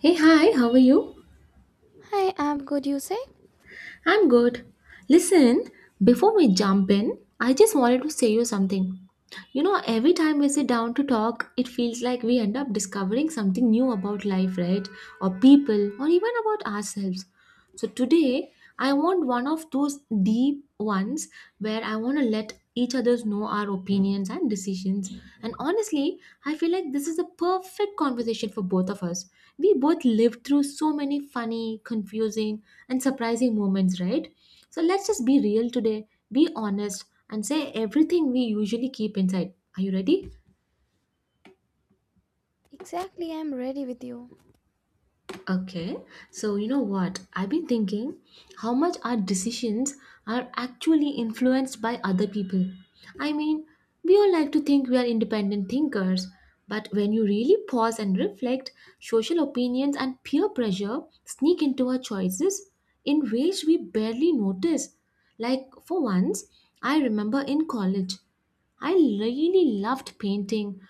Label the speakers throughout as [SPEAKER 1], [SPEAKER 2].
[SPEAKER 1] Hey, hi, how are you?
[SPEAKER 2] Hi, I'm good, you say?
[SPEAKER 1] I'm good. Listen, before we jump in, I just wanted to say you something. You know, every time we sit down to talk, it feels like we end up discovering something new about life, right? Or people, or even about ourselves. So today, I want one of those deep ones where I want to let each others know our opinions and decisions. And honestly, I feel like this is a perfect conversation for both of us. We both lived through so many funny, confusing, and surprising moments, right? So let's just be real today, be honest, and say everything we usually keep inside. Are you ready?
[SPEAKER 2] Exactly, I'm ready with you.
[SPEAKER 1] Okay, so you know what? I've been thinking how much our decisions are actually influenced by other people. I mean, we all like to think we are independent thinkers, but when you really pause and reflect, social opinions and peer pressure sneak into our choices in ways we barely notice. Like, for once, I remember in college. I really loved painting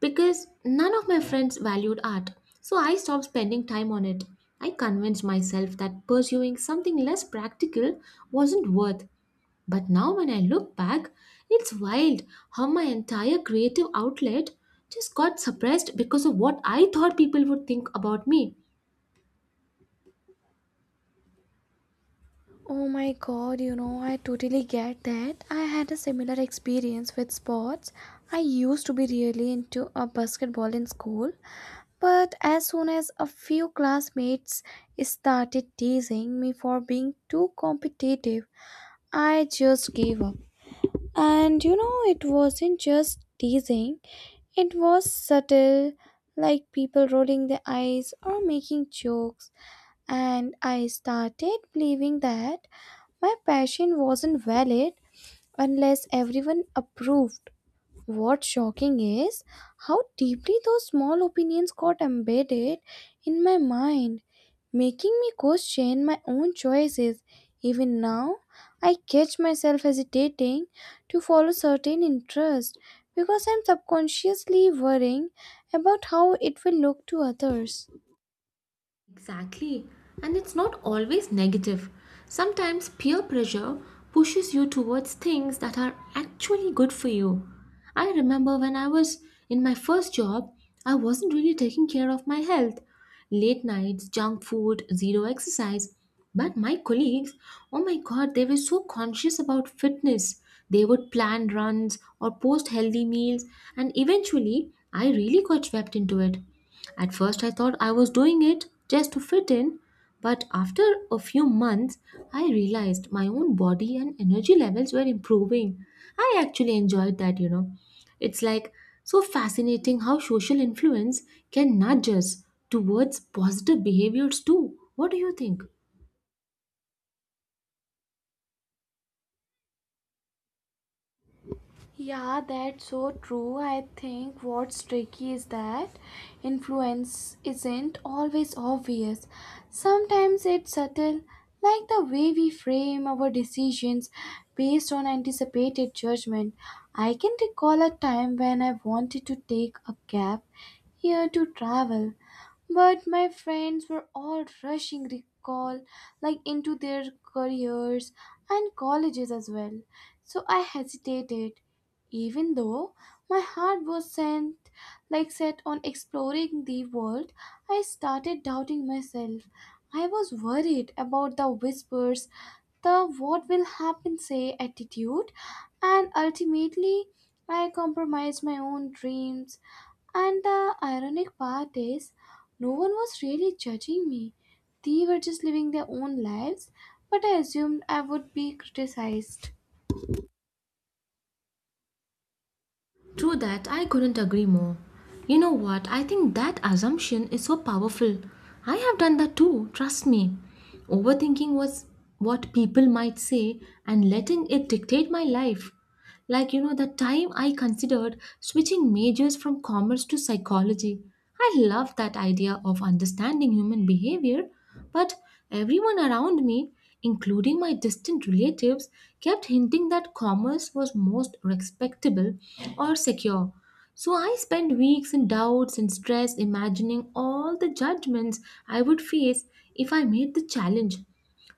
[SPEAKER 1] because none of my friends valued art, so I stopped spending time on it. I convinced myself that pursuing something less practical wasn't worth. But now, when I look back, it's wild how my entire creative outlet just got suppressed because of what I thought people would think about me.
[SPEAKER 2] Oh my god, you know, I totally get that. I had a similar experience with sports. I used to be really into a basketball in school, but as soon as a few classmates started teasing me for being too competitive, I just gave up. And you know, it wasn't just teasing, it was subtle, like people rolling their eyes or making jokes, and I started believing that my passion wasn't valid unless everyone approved. What's shocking is how deeply those small opinions got embedded in my mind, making me question my own choices. Even now, I catch myself hesitating to follow certain interests because I'm subconsciously worrying about how it will look to others.
[SPEAKER 1] Exactly. And it's not always negative. Sometimes peer pressure pushes you towards things that are actually good for you. I remember when I was in my first job, I wasn't really taking care of my health. Late nights, junk food, zero exercise. But my colleagues, oh my god, they were so conscious about fitness. They would plan runs or post healthy meals, and eventually, I really got swept into it. At first, I thought I was doing it just to fit in, but after a few months, I realized my own body and energy levels were improving. I actually enjoyed that. It's like so fascinating how social influence can nudge us towards positive behaviors too. What do you think?
[SPEAKER 2] Yeah, that's so true. I think what's tricky is that influence isn't always obvious. Sometimes it's subtle, like the way we frame our decisions based on anticipated judgment. I can recall a time when I wanted to take a cab here to travel, but my friends were all rushing recall like into their careers and colleges as well. So I hesitated, even though my heart was sent like set on exploring the world, I started doubting myself. I was worried about the whispers, the what will happen say attitude, and ultimately I compromised my own dreams. And the ironic part is, no one was really judging me. They were just living their own lives, but I assumed I would be criticized.
[SPEAKER 1] True that, I couldn't agree more. You know what? I think that assumption is so powerful. I have done that too, trust me. Overthinking was what people might say and letting it dictate my life. Like, you know, the time I considered switching majors from commerce to psychology. I love that idea of understanding human behavior, but everyone around me, including my distant relatives, kept hinting that commerce was most respectable or secure. So I spent weeks in doubts and stress imagining all the judgments I would face if I made the challenge.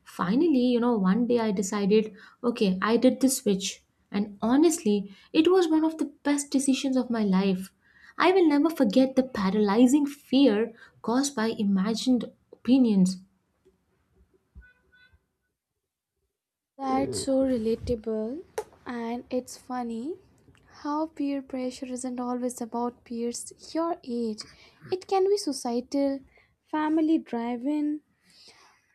[SPEAKER 1] Finally, you know, one day I decided, okay, I did the switch. And honestly, it was one of the best decisions of my life. I will never forget the paralyzing fear caused by imagined opinions.
[SPEAKER 2] That's so relatable, and it's funny how peer pressure isn't always about peers your age. It can be societal, family driven,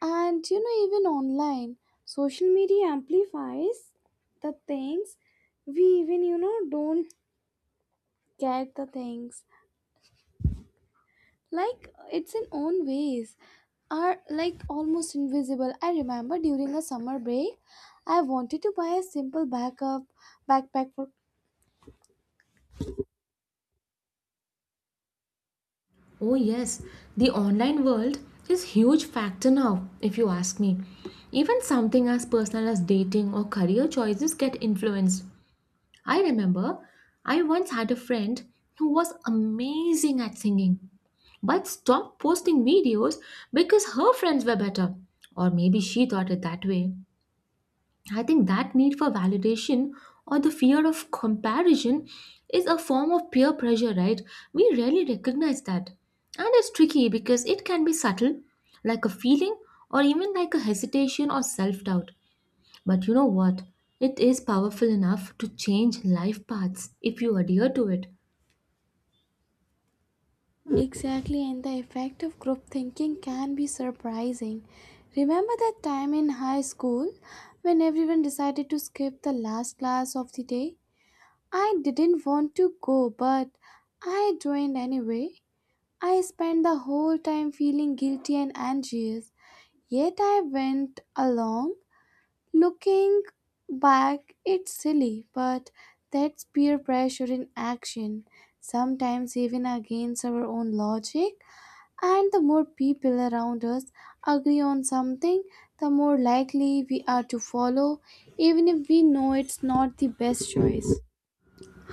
[SPEAKER 2] and you know, even online. Social media amplifies the things we even, you know, don't get the things. Like it's in own ways are like almost invisible. I remember during a summer break I wanted to buy a simple backup backpack for
[SPEAKER 1] Oh, yes, the online world is huge factor now, if you ask me. Even something as personal as dating or career choices get influenced. I remember I once had a friend who was amazing at singing, but stopped posting videos because her friends were better. Or maybe she thought it that way. I think that need for validation or the fear of comparison is a form of peer pressure, right? We rarely recognize that. And it's tricky because it can be subtle, like a feeling, or even like a hesitation or self doubt. But you know what? It is powerful enough to change life paths if you adhere to it.
[SPEAKER 2] exactly, and the effect of group thinking can be surprising. Remember that time in high school when everyone decided to skip the last class of the day? I didn't want to go, but I joined anyway. I spent the whole time feeling guilty and anxious. Yet I went along, looking back, it's silly, but that's peer pressure in action, sometimes even against our own logic. And the more people around us agree on something, the more likely we are to follow, even if we know it's not the best choice.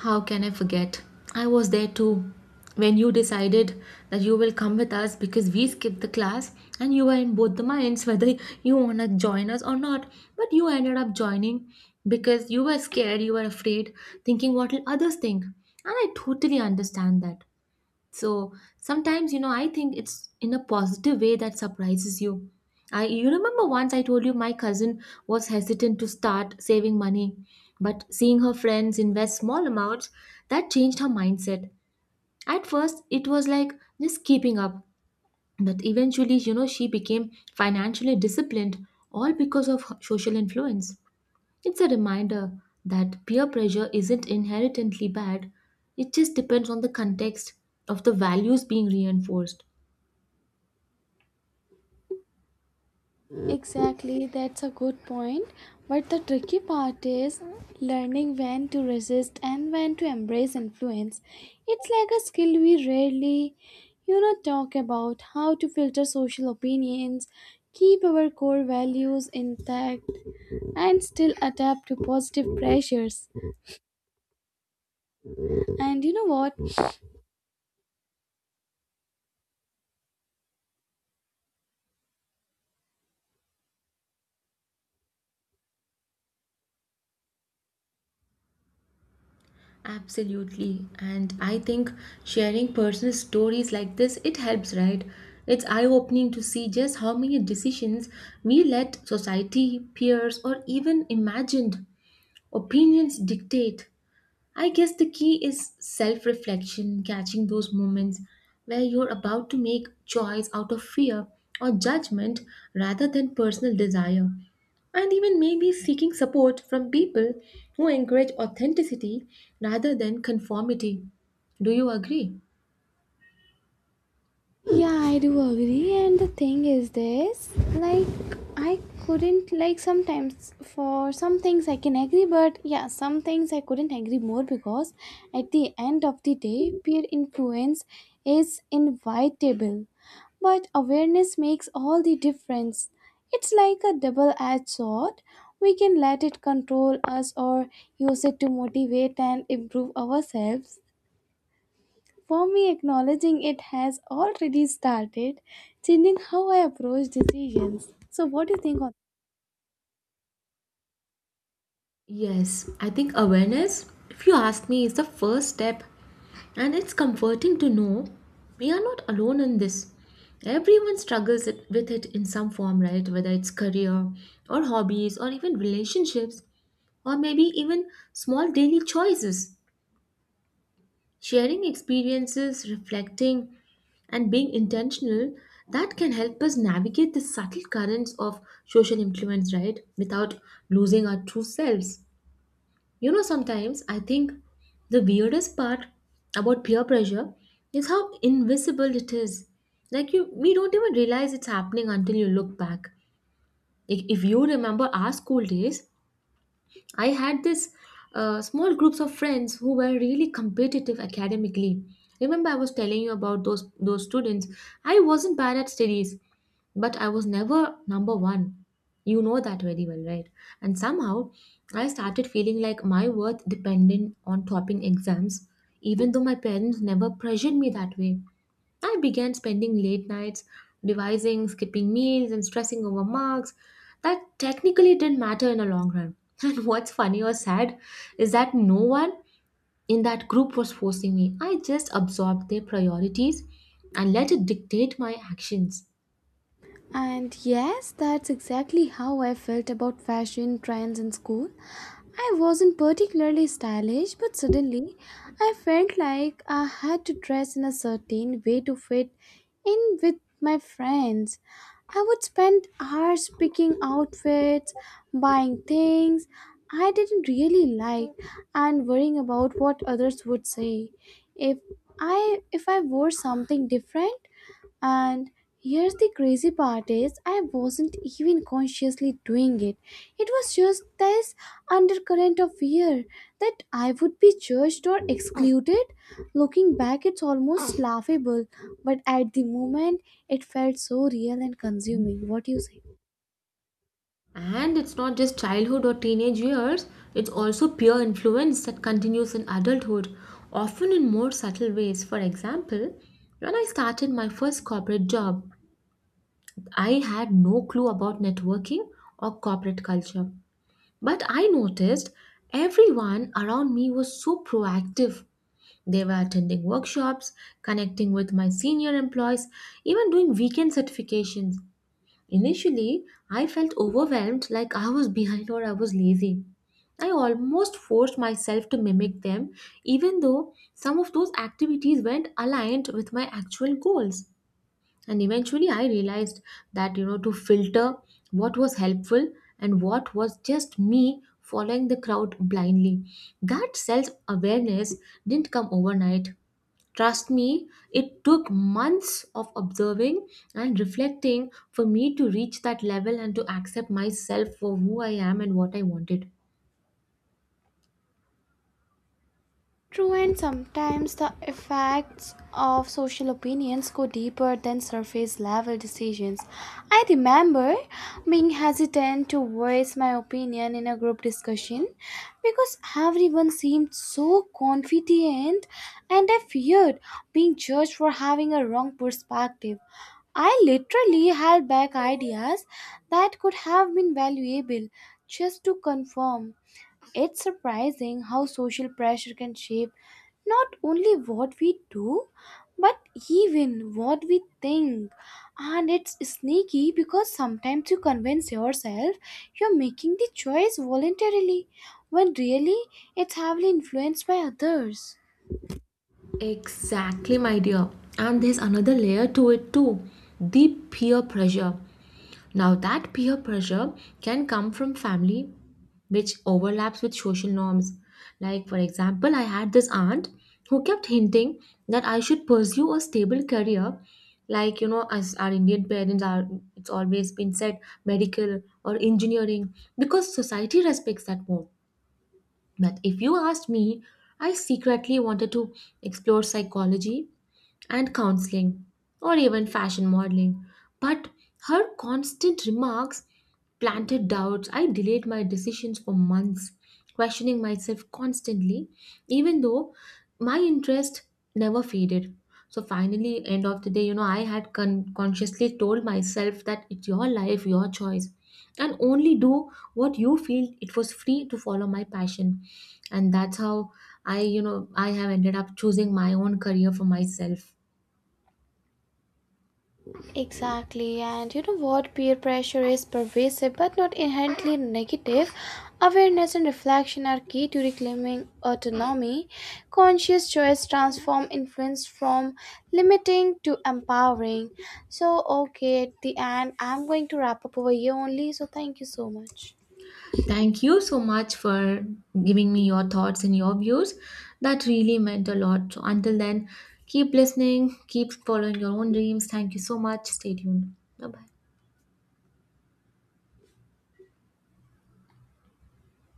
[SPEAKER 1] How can I forget? I was there too. When you decided that you will come with us because we skipped the class and you were in both the minds whether you want to join us or not. But you ended up joining because you were scared, you were afraid, thinking what will others think. And I totally understand that. So sometimes, you know, I think it's in a positive way that surprises you. I you remember once I told you my cousin was hesitant to start saving money, but seeing her friends invest small amounts, that changed her mindset. At first, it was like just keeping up, but eventually, you know, she became financially disciplined all because of her social influence. It's a reminder that peer pressure isn't inherently bad, it just depends on the context of the values being reinforced.
[SPEAKER 2] Exactly, that's a good point. But the tricky part is learning when to resist and when to embrace influence. It's like a skill we rarely, you know, talk about how to filter social opinions, keep our core values intact, and still adapt to positive pressures. And you know what?
[SPEAKER 1] Absolutely. And I think sharing personal stories like this it helps, right? It's eye-opening to see just how many decisions we let society, peers or even imagined opinions dictate. I guess the key is self reflection, catching those moments where you're about to make choice out of fear or judgment rather than personal desire. And even maybe seeking support from people who encourage authenticity rather than conformity. Do you agree?
[SPEAKER 2] Yeah, I do agree. And the thing is this, like I couldn't, like sometimes for some things I can agree, but yeah, some things I couldn't agree more, because at the end of the day, peer influence is inevitable. But awareness makes all the difference. It's like a double-edged sword. We can let it control us or use it to motivate and improve ourselves. For me, acknowledging it has already started changing how I approach decisions. So, what do you think on?
[SPEAKER 1] Yes, I think awareness, if you ask me, is the first step. And it's comforting to know we are not alone in this. Everyone with it in some form, right? Whether it's career or hobbies or even relationships or maybe even small daily choices. Sharing experiences, reflecting, and being intentional that can help us navigate the subtle currents of social influence, right? Without losing our true selves. You know, sometimes I think the weirdest part about peer pressure is how invisible it is. Like you we don't even realize it's happening until you look back. Like if you remember our school days, I had this small groups of friends who were really competitive academically. Remember, I was telling you about those students. I wasn't bad at studies, but I was never number one. You know that very well, right? And somehow, I started feeling like my worth depended on topping exams, even though my parents never pressured me that way. I began spending late nights devising, skipping meals, and stressing over marks that technically didn't matter in the long run. And what's funny or sad is that no one in that group was forcing me. I just absorbed their priorities and let it dictate my actions.
[SPEAKER 2] And yes, that's exactly how I felt about fashion trends in school. I wasn't particularly stylish, but suddenly I felt like I had to dress in a certain way to fit in with my friends. I would spend hours picking outfits, buying things I didn't really like, and worrying about what others would say. If if I wore something different, and here's the crazy part is I wasn't even consciously doing it. It was just this undercurrent of fear that I would be judged or excluded. Looking back, it's almost laughable, but at the moment it felt so real and consuming. What do you say?
[SPEAKER 1] And it's not just childhood or teenage years, it's also peer influence that continues in adulthood, often in more subtle ways. For example, when I started my first corporate job, I had no clue about networking or corporate culture, but I noticed everyone around me was so proactive. They were attending workshops, connecting with my senior employees, even doing weekend certifications. Initially, I felt overwhelmed like I was behind or I was lazy. I almost forced myself to mimic them, even though some of those activities weren't aligned with my actual goals, and eventually I realized that, you know, to filter what was helpful and what was just me following the crowd blindly. That self awareness didn't come overnight, trust me. It took months of observing and reflecting for me to reach that level and to accept myself for who I am and what I wanted.
[SPEAKER 2] True, and sometimes the effects of social opinions go deeper than surface level decisions. I remember being hesitant to voice my opinion in a group discussion because everyone seemed so confident and I feared being judged for having a wrong perspective. I literally held back ideas that could have been valuable just to confirm. It's surprising how social pressure can shape not only what we do, but even what we think. And it's sneaky because sometimes you convince yourself you're making the choice voluntarily, when really it's heavily influenced by others.
[SPEAKER 1] Exactly, my dear. And there's another layer to it too, the peer pressure. Now, that peer pressure can come from family, which overlaps with social norms. Like, for example, I had this aunt who kept hinting that I should pursue a stable career. Like, you know, as our Indian parents are, it's always been said medical or engineering because society respects that more. But if you asked me, I secretly wanted to explore psychology and counseling or even fashion modeling. But her constant remarks planted doubts. I delayed my decisions for months, questioning myself constantly, even though my interest never faded. So finally, end of the day, you know, I had consciously told myself that it's your life, your choice, and only do what you feel it was free to follow my passion. And that's how I have ended up choosing my own career for myself.
[SPEAKER 2] Exactly, and you know what? Peer pressure is pervasive but not inherently negative. Awareness and reflection are key to reclaiming autonomy. Conscious choice transform influence from limiting to empowering. So, okay, at the end, I'm going to wrap up over here only. So, thank you so much.
[SPEAKER 1] Thank you so much for giving me your thoughts and your views. That really meant a lot. So until then, keep listening, keep following your own dreams. Thank you so much. Stay tuned. Bye bye.